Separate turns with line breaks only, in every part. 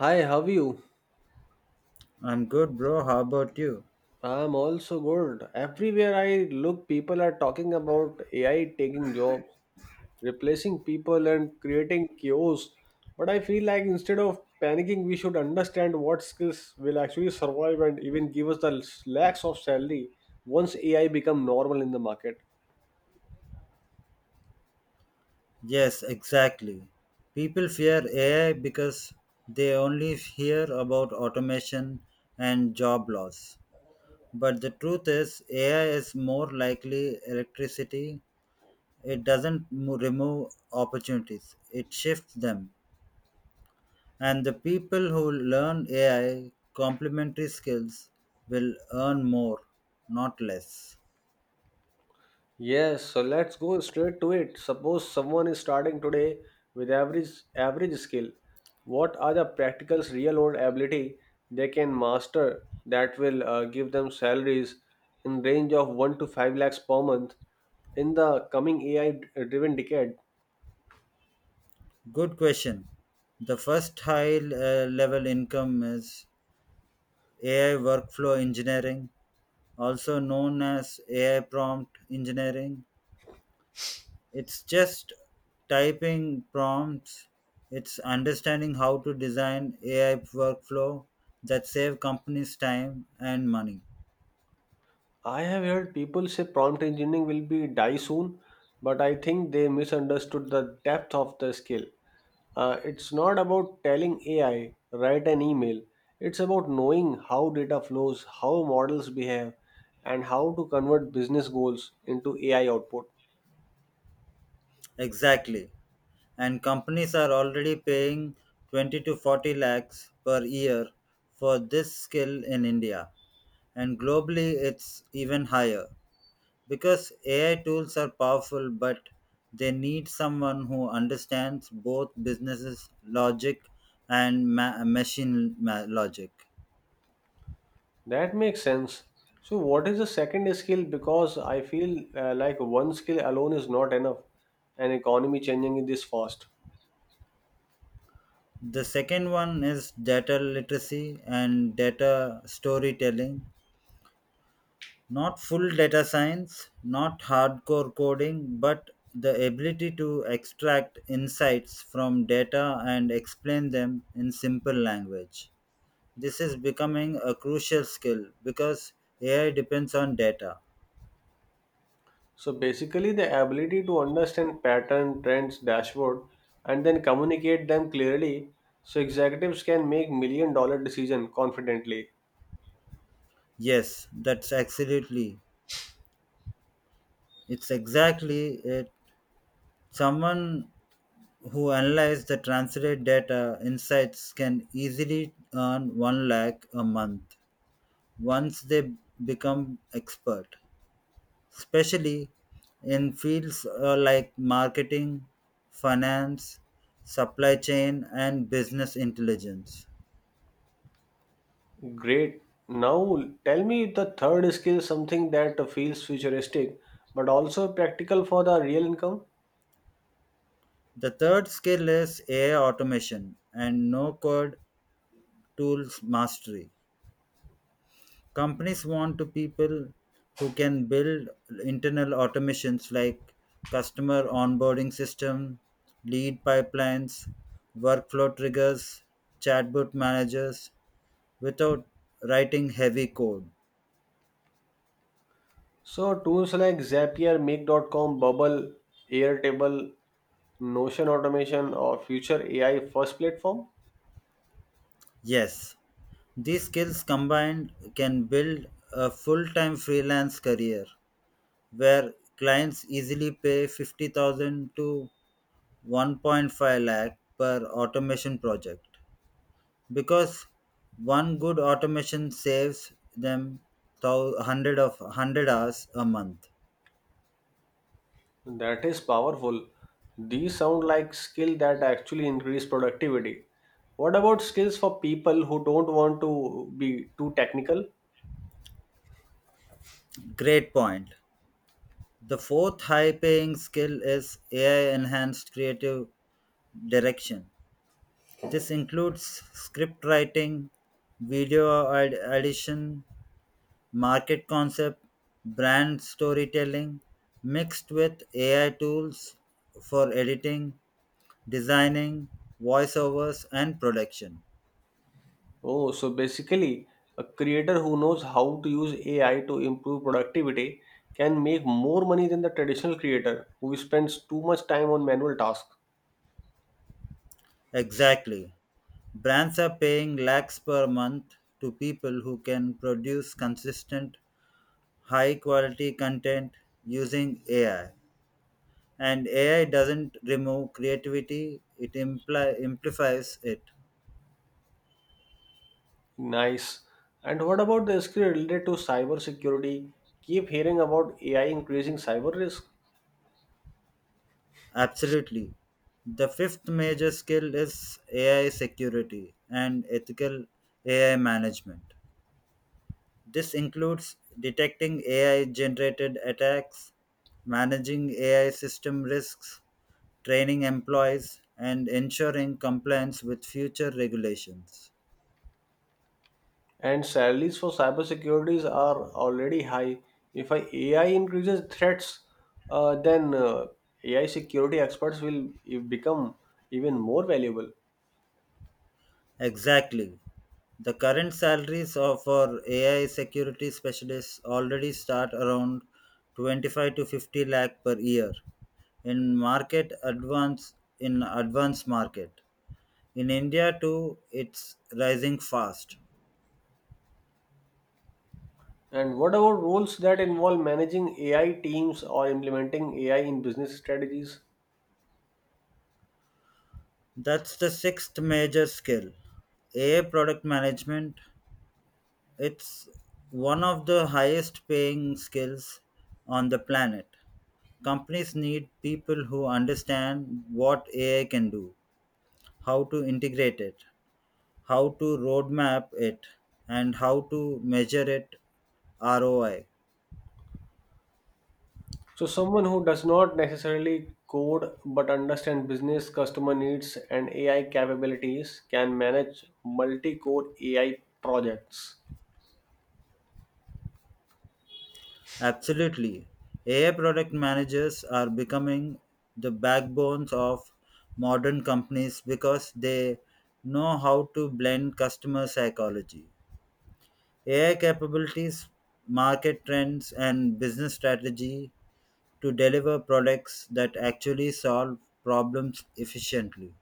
Hi, how are you?
I'm good, bro. How about you?
I'm also good. Everywhere I look, people are talking about AI taking jobs, replacing people, and creating chaos. But I feel like instead of panicking, we should understand what skills will actually survive and even give us the lakhs of salary once AI become normal in the market.
Yes, exactly. People fear AI because they only hear about automation and job loss. But the truth is, AI is more likely electricity. It doesn't remove opportunities, it shifts them. And the people who learn AI complementary skills will earn more, not less.
Yes, so let's go straight to it. Suppose someone is starting today with average skill. What are the practical real world ability they can master that will give them salaries in range of 1 to 5 lakhs per month in the coming AI driven decade?
Good question. The first high level income is AI workflow engineering, also known as AI prompt engineering. It's just typing prompts, it's understanding how to design AI workflow that save companies time and money.
I have heard people say prompt engineering will be die soon, but I think they misunderstood the depth of the skill. It's not about telling AI, write an email. It's about knowing how data flows, how models behave, and how to convert business goals into AI output.
Exactly. And companies are already paying 20 to 40 lakhs per year for this skill in India. And globally, it's even higher, because AI tools are powerful, but they need someone who understands both businesses logic and logic.
That makes sense. So, what is the second skill? Because I feel like one skill alone is not enough, an economy changing is this fast.
The second one is data literacy and data storytelling. Not full data science, not hardcore coding, but the ability to extract insights from data and explain them in simple language. This is becoming a crucial skill because AI depends on data.
So, basically, the ability to understand pattern, trends, dashboard, and then communicate them clearly so executives can make million dollar decision confidently.
Yes, that's absolutely. It's exactly it. Someone who analyzes the translate data insights can easily earn 1 lakh a month once they become expert, especially in fields like marketing, finance, supply chain, and business intelligence.
Great. Now tell me the third skill, something that feels futuristic but also practical for the real income.
The third skill is AI automation and no code tools mastery. Companies want to people who can build internal automations like customer onboarding system, lead pipelines, workflow triggers, chatbot managers without writing heavy code.
So tools like Zapier, Make.com, Bubble, Airtable, Notion automation or future AI first platform.
Yes, these skills combined can build a full time freelance career where clients easily pay 50,000 to 1.5 lakh per automation project because one good automation saves them 100 hours a month.
That is powerful. These sound like skill that actually increase productivity. What about skills for people who don't want to be too technical?
Great point. The fourth high paying skill is AI enhanced creative direction. This includes script writing, video edition, market concept, brand storytelling mixed with AI tools for editing, designing, voiceovers, and production.
Oh, so basically, a creator who knows how to use AI to improve productivity can make more money than the traditional creator who spends too much time on manual tasks.
Exactly. Brands are paying lakhs per month to people who can produce consistent, high quality content using AI. And AI doesn't remove creativity, it amplifies it.
Nice. And what about the skill related to cybersecurity? Keep hearing about AI increasing cyber risk.
Absolutely. The fifth major skill is AI security and ethical AI management. This includes detecting AI generated attacks, managing AI system risks, training employees, and ensuring compliance with future regulations.
And salaries for cybersecurities are already high. If I AI increases threats, then AI security experts will become even more valuable.
Exactly. The current salaries of our AI security specialists already start around 25 to 50 lakh per year in market advance in advanced market. In India too, it's rising fast.
And what about roles that involve managing AI teams or implementing AI in business strategies?
That's the sixth major skill. AI product management. It's one of the highest paying skills on the planet. Companies need people who understand what AI can do, how to integrate it, how to roadmap it, and how to measure it ROI.
So, someone who does not necessarily code but understand business customer needs and AI capabilities can manage multi-core AI projects.
Absolutely. AI product managers are becoming the backbones of modern companies because they know how to blend customer psychology, AI capabilities, market trends, and business strategy to deliver products that actually solve problems efficiently.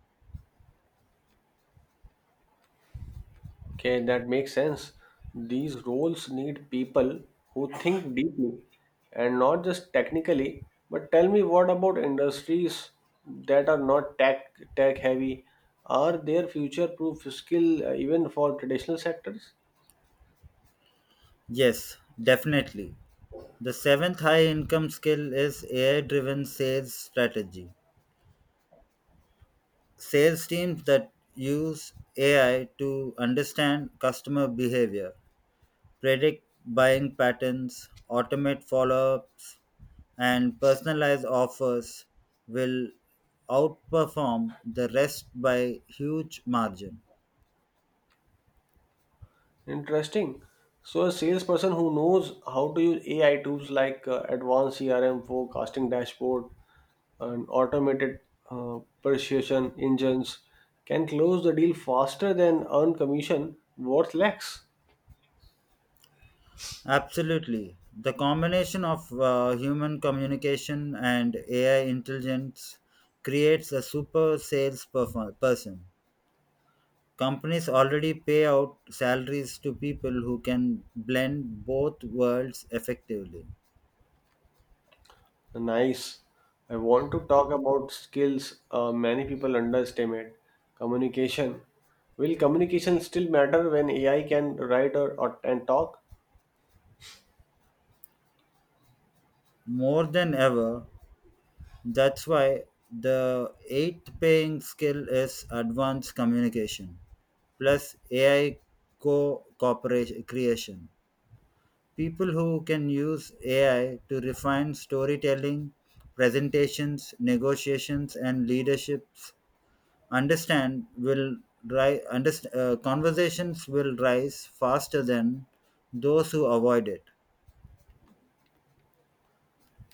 Okay, that makes sense. These roles need people who think deeply and not just technically. But tell me, what about industries that are not tech heavy? Are there future proof skill even for traditional sectors?
Yes, definitely. The seventh high income skill is AI driven sales strategy. Sales teams that use AI to understand customer behavior, predict buying patterns, automate follow ups, and personalize offers will outperform the rest by huge margin.
Interesting. So, a salesperson who knows how to use AI tools like advanced CRM forecasting dashboard and automated persuasion engines can close the deal faster than earn commission worth lakhs.
Absolutely. The combination of human communication and AI intelligence creates a super sales person. Companies already pay out salaries to people who can blend both worlds effectively.
Nice. I want to talk about skills many people underestimate. Communication. Will communication still matter when AI can write or and talk?
More than ever, that's why the eighth paying skill is advanced communication plus AI co cooperation creation. People who can use AI to refine storytelling, presentations, negotiations, and leaderships understand will rise conversations will rise faster than those who avoid it.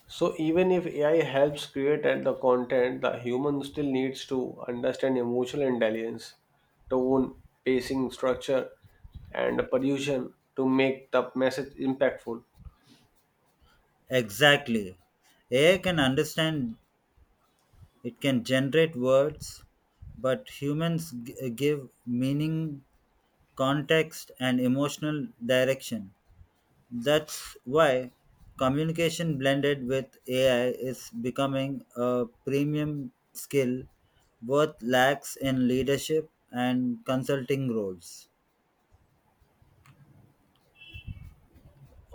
So even if AI helps create at the content, the human still needs to understand emotional intelligence, tone, pacing, structure, and production to make the message impactful.
Exactly. AI can understand, it can generate words, but humans give meaning, context and emotional direction. That's why communication blended with AI is becoming a premium skill worth lacks in leadership and consulting roles.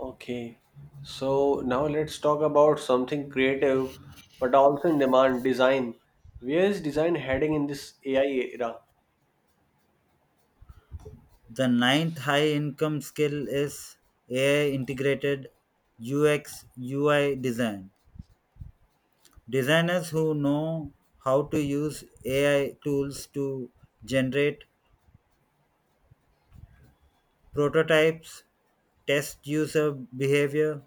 Okay, so now let's talk about something creative, but also in demand design. Where is design heading in this AI era?
The ninth high income skill is AI integrated UX UI design. Designers who know how to use AI tools to generate prototypes, test user behavior,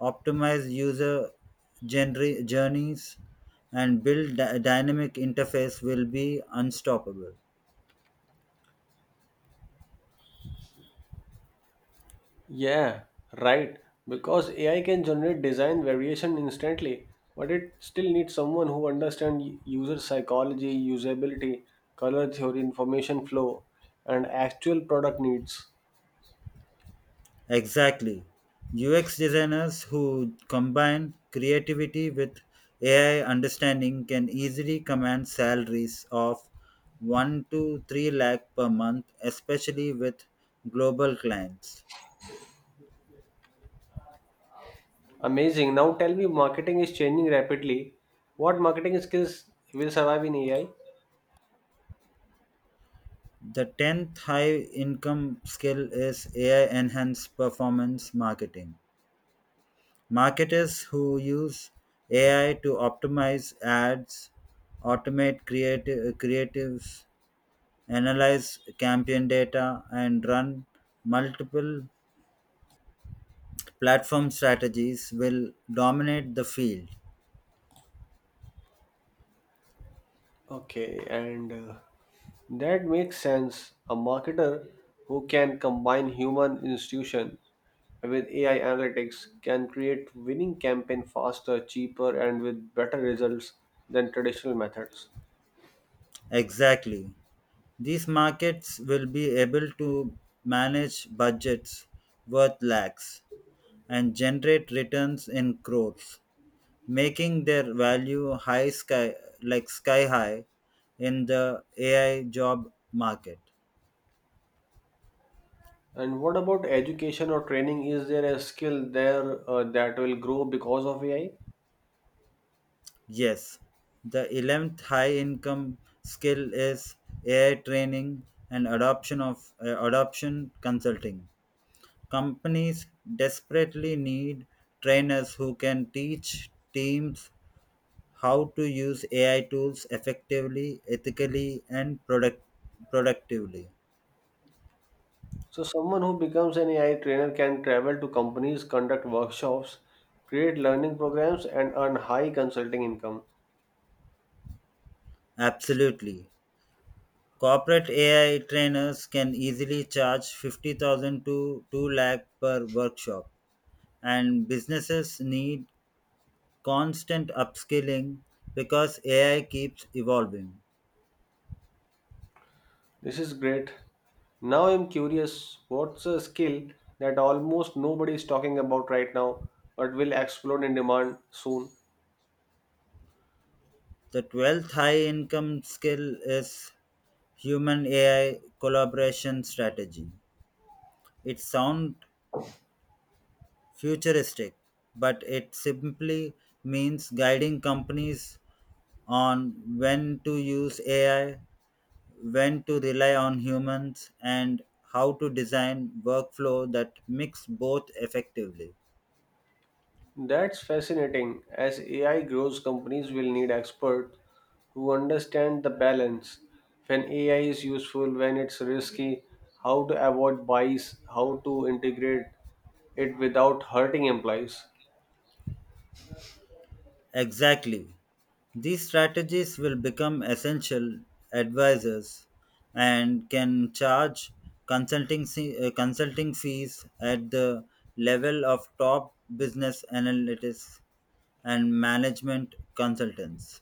optimize user journeys, and build dynamic interface will be unstoppable.
Yeah, right. Because AI can generate design variation instantly, but it still needs someone who understands user psychology, usability, color theory, information flow, and actual product needs.
Exactly. UX designers who combine creativity with AI understanding can easily command salaries of 1 to 3 lakh per month, especially with global clients.
Amazing. Now tell me, marketing is changing rapidly. What marketing skills will survive in AI?
The 10th high income skill is AI enhanced performance marketing. Marketers who use AI to optimize ads, automate creative creatives, analyze campaign data, and run multiple platform strategies will dominate the field.
Okay, and that makes sense. A marketer who can combine human institution with AI analytics can create winning campaign faster, cheaper, and with better results than traditional methods.
Exactly. These markets will be able to manage budgets worth lakhs and generate returns in crores, making their value high sky like sky high in the AI job market.
And what about education or training? Is there a skill there that will grow because of AI?
Yes, the 11th high income skill is AI training and adoption consulting. Companies desperately need trainers who can teach teams how to use AI tools effectively, ethically and productively.
So, someone who becomes an AI trainer can travel to companies, conduct workshops, create learning programs, and earn high consulting income.
Absolutely. Corporate AI trainers can easily charge 50,000 to 2 lakh per workshop, and businesses need constant upskilling because AI keeps evolving.
This is great. Now I'm curious what's a skill that almost nobody is talking about right now but will explode in demand soon?
The 12th high income skill is human AI collaboration strategy. It sounds futuristic, but it simply means guiding companies on when to use AI, when to rely on humans, and how to design workflow that mix both effectively.
That's fascinating. As AI grows, companies will need experts who understand the balance when AI is useful, when it's risky, how to avoid bias, how to integrate it without hurting employees.
Exactly. These strategies will become essential advisors and can charge consulting, consulting fees at the level of top business analytics and management consultants.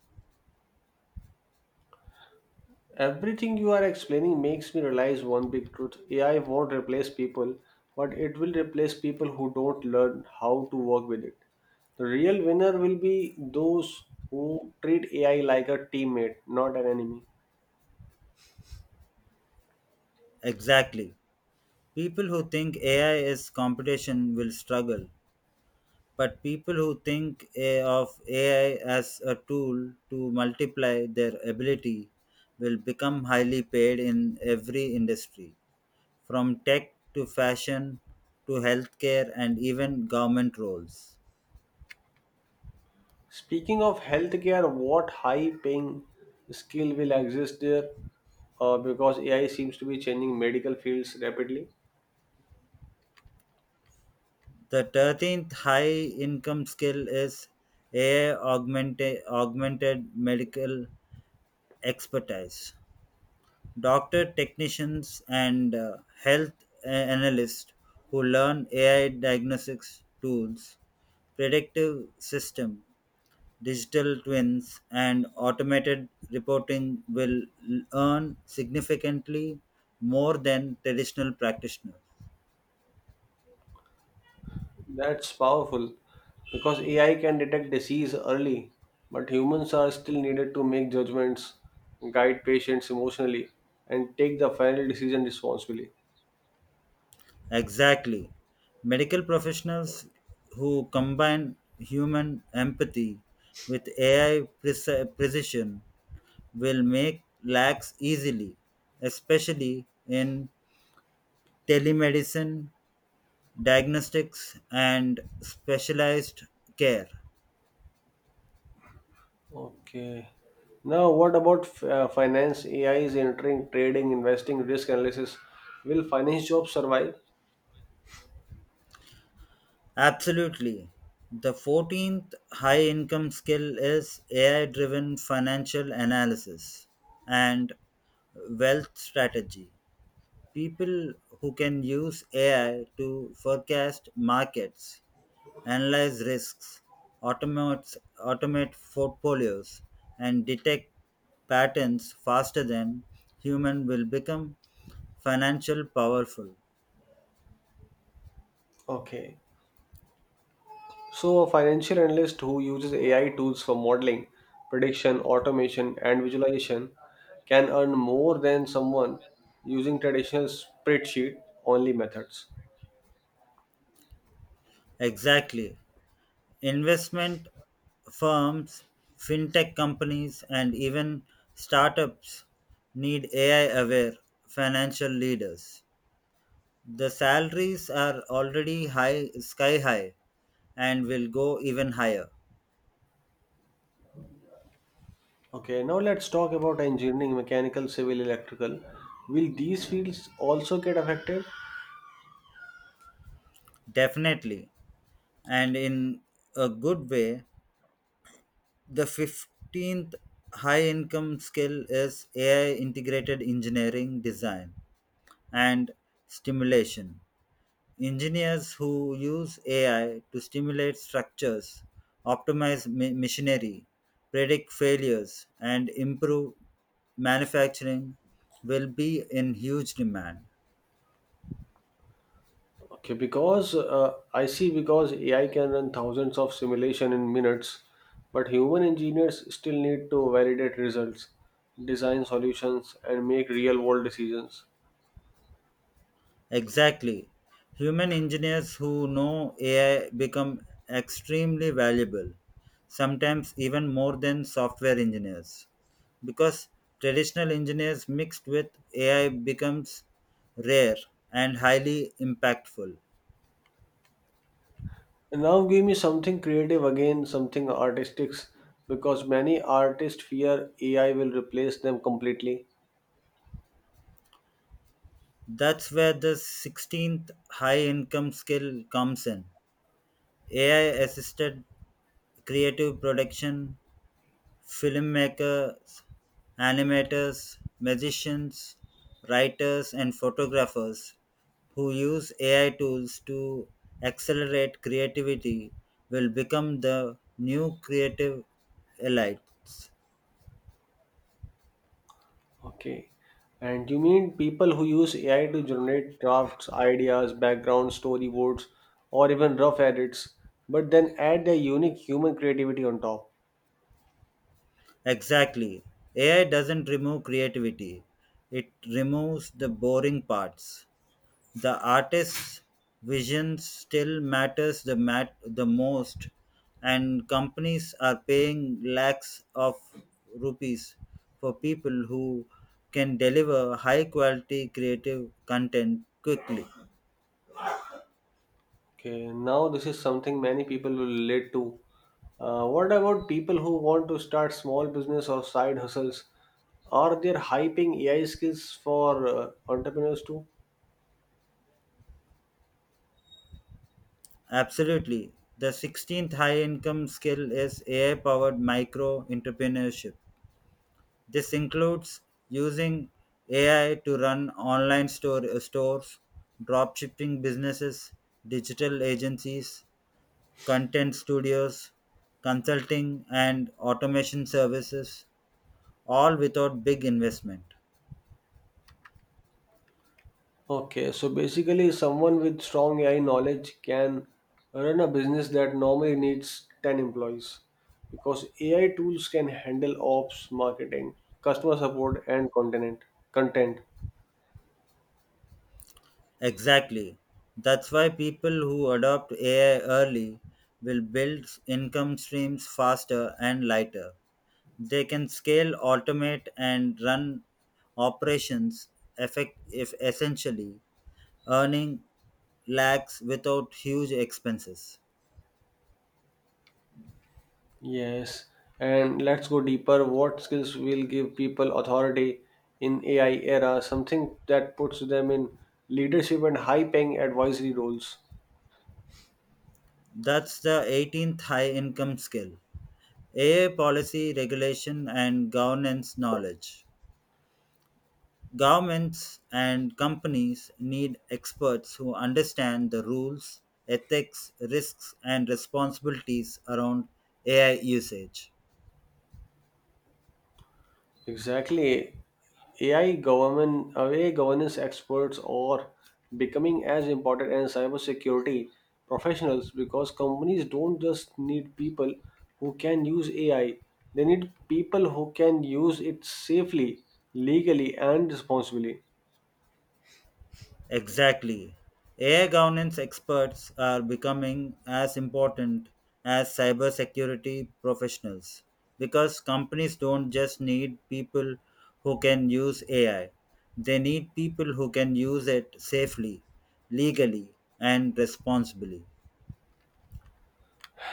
Everything you are explaining makes me realize one big truth AI won't replace people, but it will replace people who don't learn how to work with it. The real winner will be those who treat AI like a teammate, not an enemy.
Exactly. People who think AI is competition will struggle. But people who think of AI as a tool to multiply their ability will become highly paid in every industry, from tech to fashion to healthcare and even government roles.
Speaking of healthcare, what high paying skill will exist there? Because AI seems to be changing medical fields rapidly.
The 13th high income skill is augmented medical expertise. Doctor technicians and health analysts who learn AI diagnostics tools, predictive system, digital twins and automated reporting will earn significantly more than traditional practitioners.
That's powerful because AI can detect disease early, but humans are still needed to make judgments, guide patients emotionally, and take the final decision responsibly.
Exactly. Medical professionals who combine human empathy with AI precision will make lax easily, especially in telemedicine, diagnostics, and specialized care.
Okay. Now, what about finance? AI is entering trading, investing, risk analysis. Will finance jobs survive?
Absolutely. The 14th high income skill is AI driven financial analysis and wealth strategy. People who can use AI to forecast markets, analyze risks, automate, automate portfolios, and detect patterns faster than human will become financial powerful.
Okay. So, a financial analyst who uses AI tools for modeling, prediction, automation, and visualization can earn more than someone using traditional spreadsheet only methods.
Exactly. Investment firms, fintech companies, and even startups need AI aware financial leaders. The salaries are already sky high, and will go even higher.
Okay, now let's talk about engineering, mechanical, civil, electrical. Will these fields also get affected?
Definitely, and in a good way. The 15th high income skill is AI integrated engineering design and stimulation. Engineers who use AI to stimulate structures, optimize machinery, predict failures, and improve manufacturing will be in huge demand.
Okay, because I see because AI can run thousands of simulation in minutes, but human engineers still need to validate results, design solutions, and make real world decisions.
Exactly. Human engineers who know AI become extremely valuable, sometimes even more than software engineers. Because traditional engineers mixed with AI becomes rare and highly impactful.
And now give me something creative again, something artistic, because many artists fear AI will replace them completely.
That's where the 16th high income skill comes in. AI assisted creative production. Filmmakers, animators, magicians, writers, and photographers who use AI tools to accelerate creativity will become the new creative elites.
Okay. And you mean people who use AI to generate drafts, ideas, background storyboards, or even rough edits, but then add their unique human creativity on top.
Exactly. AI doesn't remove creativity, it removes the boring parts. The artist's vision still matters the most, and companies are paying lakhs of rupees for people who can deliver high quality creative content quickly.
Okay, now this is something many people will relate to. What about people who want to start small business or side hustles? Are there hyping AI skills for entrepreneurs too?
Absolutely. The 16th high income skill is AI powered micro entrepreneurship. This includes using AI to run stores, dropshipping businesses, digital agencies, content studios, consulting, and automation services, all without big investment.
Okay, so basically, someone with strong AI knowledge can run a business that normally needs 10 employees because AI tools can handle ops, marketing, customer support, and content.
Exactly. That's why people who adopt AI early will build income streams faster and lighter. They can scale, automate, and run operations effect- if essentially, earning lakhs without huge expenses.
Yes, and let's go deeper. What skills will give people authority in AI era? Something that puts them in leadership and high-paying advisory roles.
That's the 18th high income skill. AI policy regulation and governance knowledge. Governments and companies need experts who understand the rules, ethics, risks, and responsibilities around AI usage.
Exactly. AI governance experts are becoming as important as cybersecurity professionals because companies don't just need people who can use AI, they need people who can use it safely, legally, and responsibly.
Exactly. AI governance experts are becoming as important as cybersecurity professionals because companies don't just need people who can use AI, they need people who can use it safely, legally, and responsibly.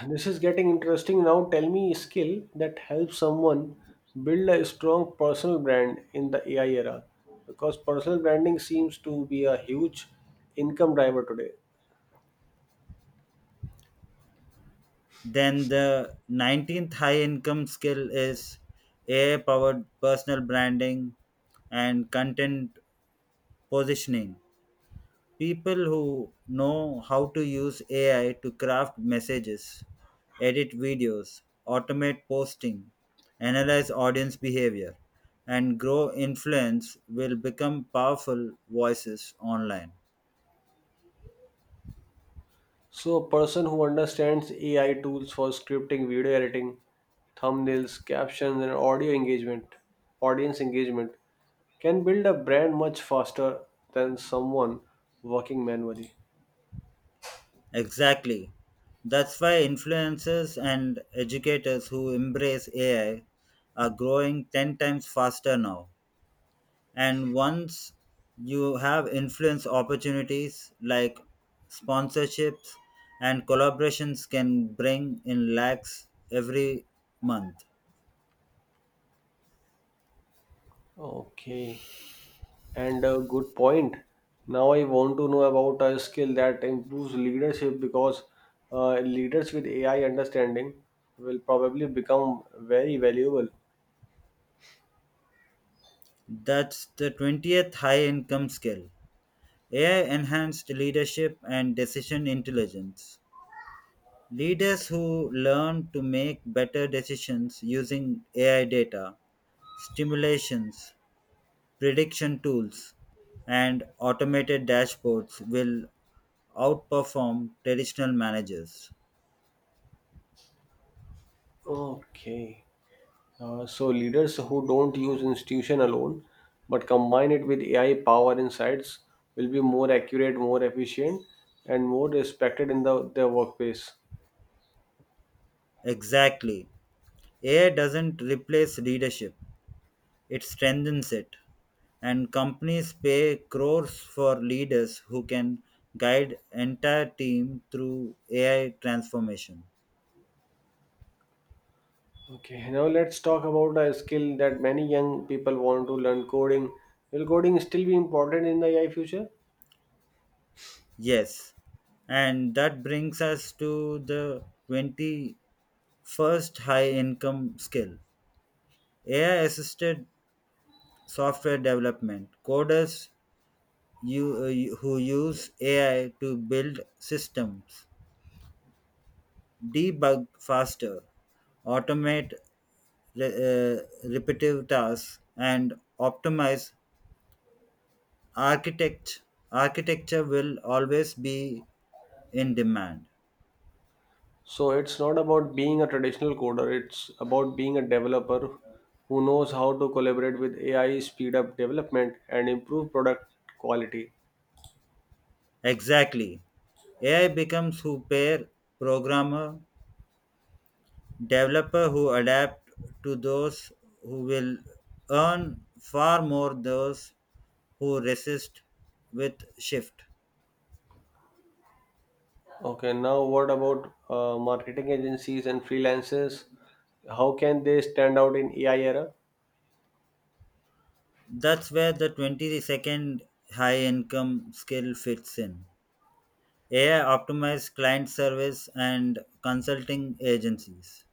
This is getting interesting. Now tell me a skill that helps someone build a strong personal brand in the AI era because personal branding seems to be a huge income driver today.
Then the 19th high income skill is AI powered personal branding and content positioning. People who know how to use AI to craft messages, edit videos, automate posting, analyze audience behavior, and grow influence will become powerful voices online.
So a person who understands AI tools for scripting, video editing, thumbnails, captions and audio engagement, audience engagement can build a brand much faster than someone working manually.
Exactly. That's why influencers and educators who embrace AI are growing 10 times faster now. And once you have influence, opportunities like sponsorships and collaborations can bring in lakhs every month.
Okay. And a good point. Now I want to know about a skill that improves leadership because leaders with AI understanding will probably become very valuable.
That's the 20th high income skill. AI enhanced leadership and decision intelligence. Leaders who learn to make better decisions using AI data, stimulations, prediction tools, and automated dashboards will outperform traditional managers.
Okay. So leaders who don't use institution alone but combine it with AI power insights will be more accurate, more efficient, and more respected in their workplace.
Exactly. AI doesn't replace leadership, it strengthens it. And companies pay crores for leaders who can guide entire team through AI transformation.
Okay, now let's talk about a skill that many young people want to learn coding. Will coding still be important in the AI future?
Yes. And that brings us to the 21st high income skill. AI assisted software development. Coders who use AI to build systems, debug faster, automate repetitive tasks, and optimize architect architecture will always be in demand.
So it's not about being a traditional coder, it's about being a developer who knows how to collaborate with AI, speed up development, and improve product quality.
Exactly. AI becomes who pair programmer, developer who adapt to those who will earn far more those who resist with shift.
Okay, now what about marketing agencies and freelancers? How can they stand out in AI era?
That's where the 22nd high income skill fits in. AI optimized client service and consulting agencies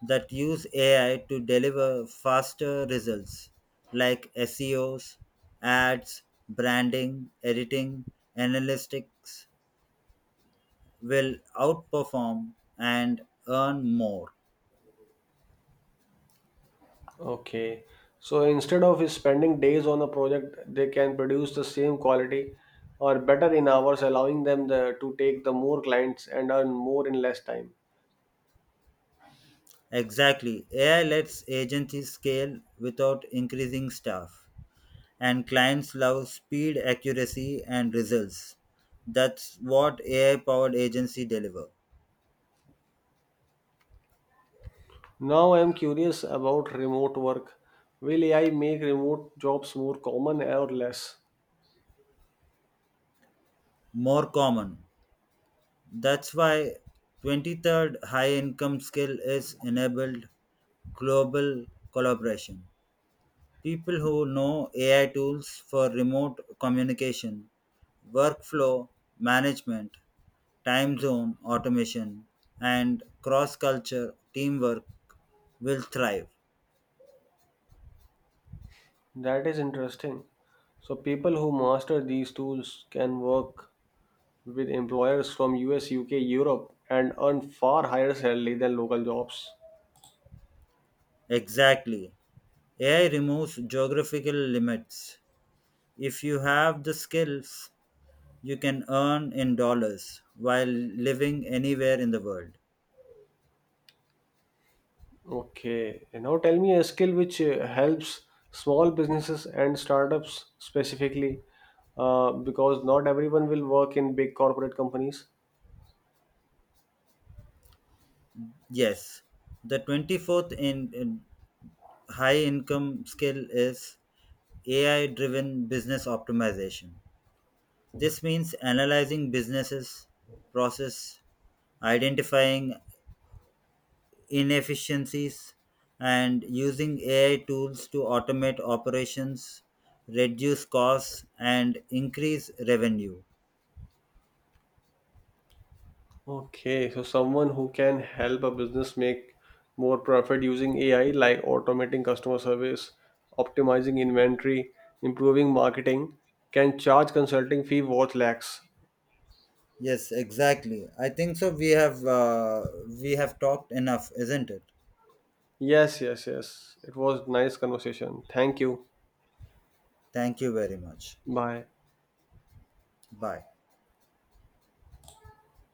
that use AI to deliver faster results like SEOs, ads, branding, editing, analytics will outperform and earn more.
Okay. So instead of spending days on a project, they can produce the same quality or better in hours, allowing them to take the more clients and earn more in less time.
Exactly. AI lets agencies scale without increasing staff. And clients love speed, accuracy, and results. That's what AI powered agency deliver.
Now I'm curious about remote work. Will AI make remote jobs more common or less?
More common. That's why 23rd high income skill is enabled global collaboration. People who know AI tools for remote communication, workflow management, time zone automation, and cross culture teamwork will thrive.
That is interesting. So people who master these tools can work with employers from US, UK, Europe and earn far higher salary than local jobs.
Exactly. AI removes geographical limits. If you have the skills, you can earn in dollars while living anywhere in the world.
Okay. And now tell me a skill which helps small businesses and startups specifically, because not everyone will work in big corporate companies.
Yes, the 24th in high income skill is AI driven business optimization. This means analyzing businesses, process, identifying inefficiencies and using AI tools to automate operations, reduce costs, and increase revenue.
Okay, so someone who can help a business make more profit using AI, like automating customer service, optimizing inventory, improving marketing, can charge consulting fee worth lakhs.
Yes, exactly. I think so. We have talked enough, isn't it?
Yes, yes, yes. It was nice conversation. Thank you.
Thank you very much.
Bye.
Bye.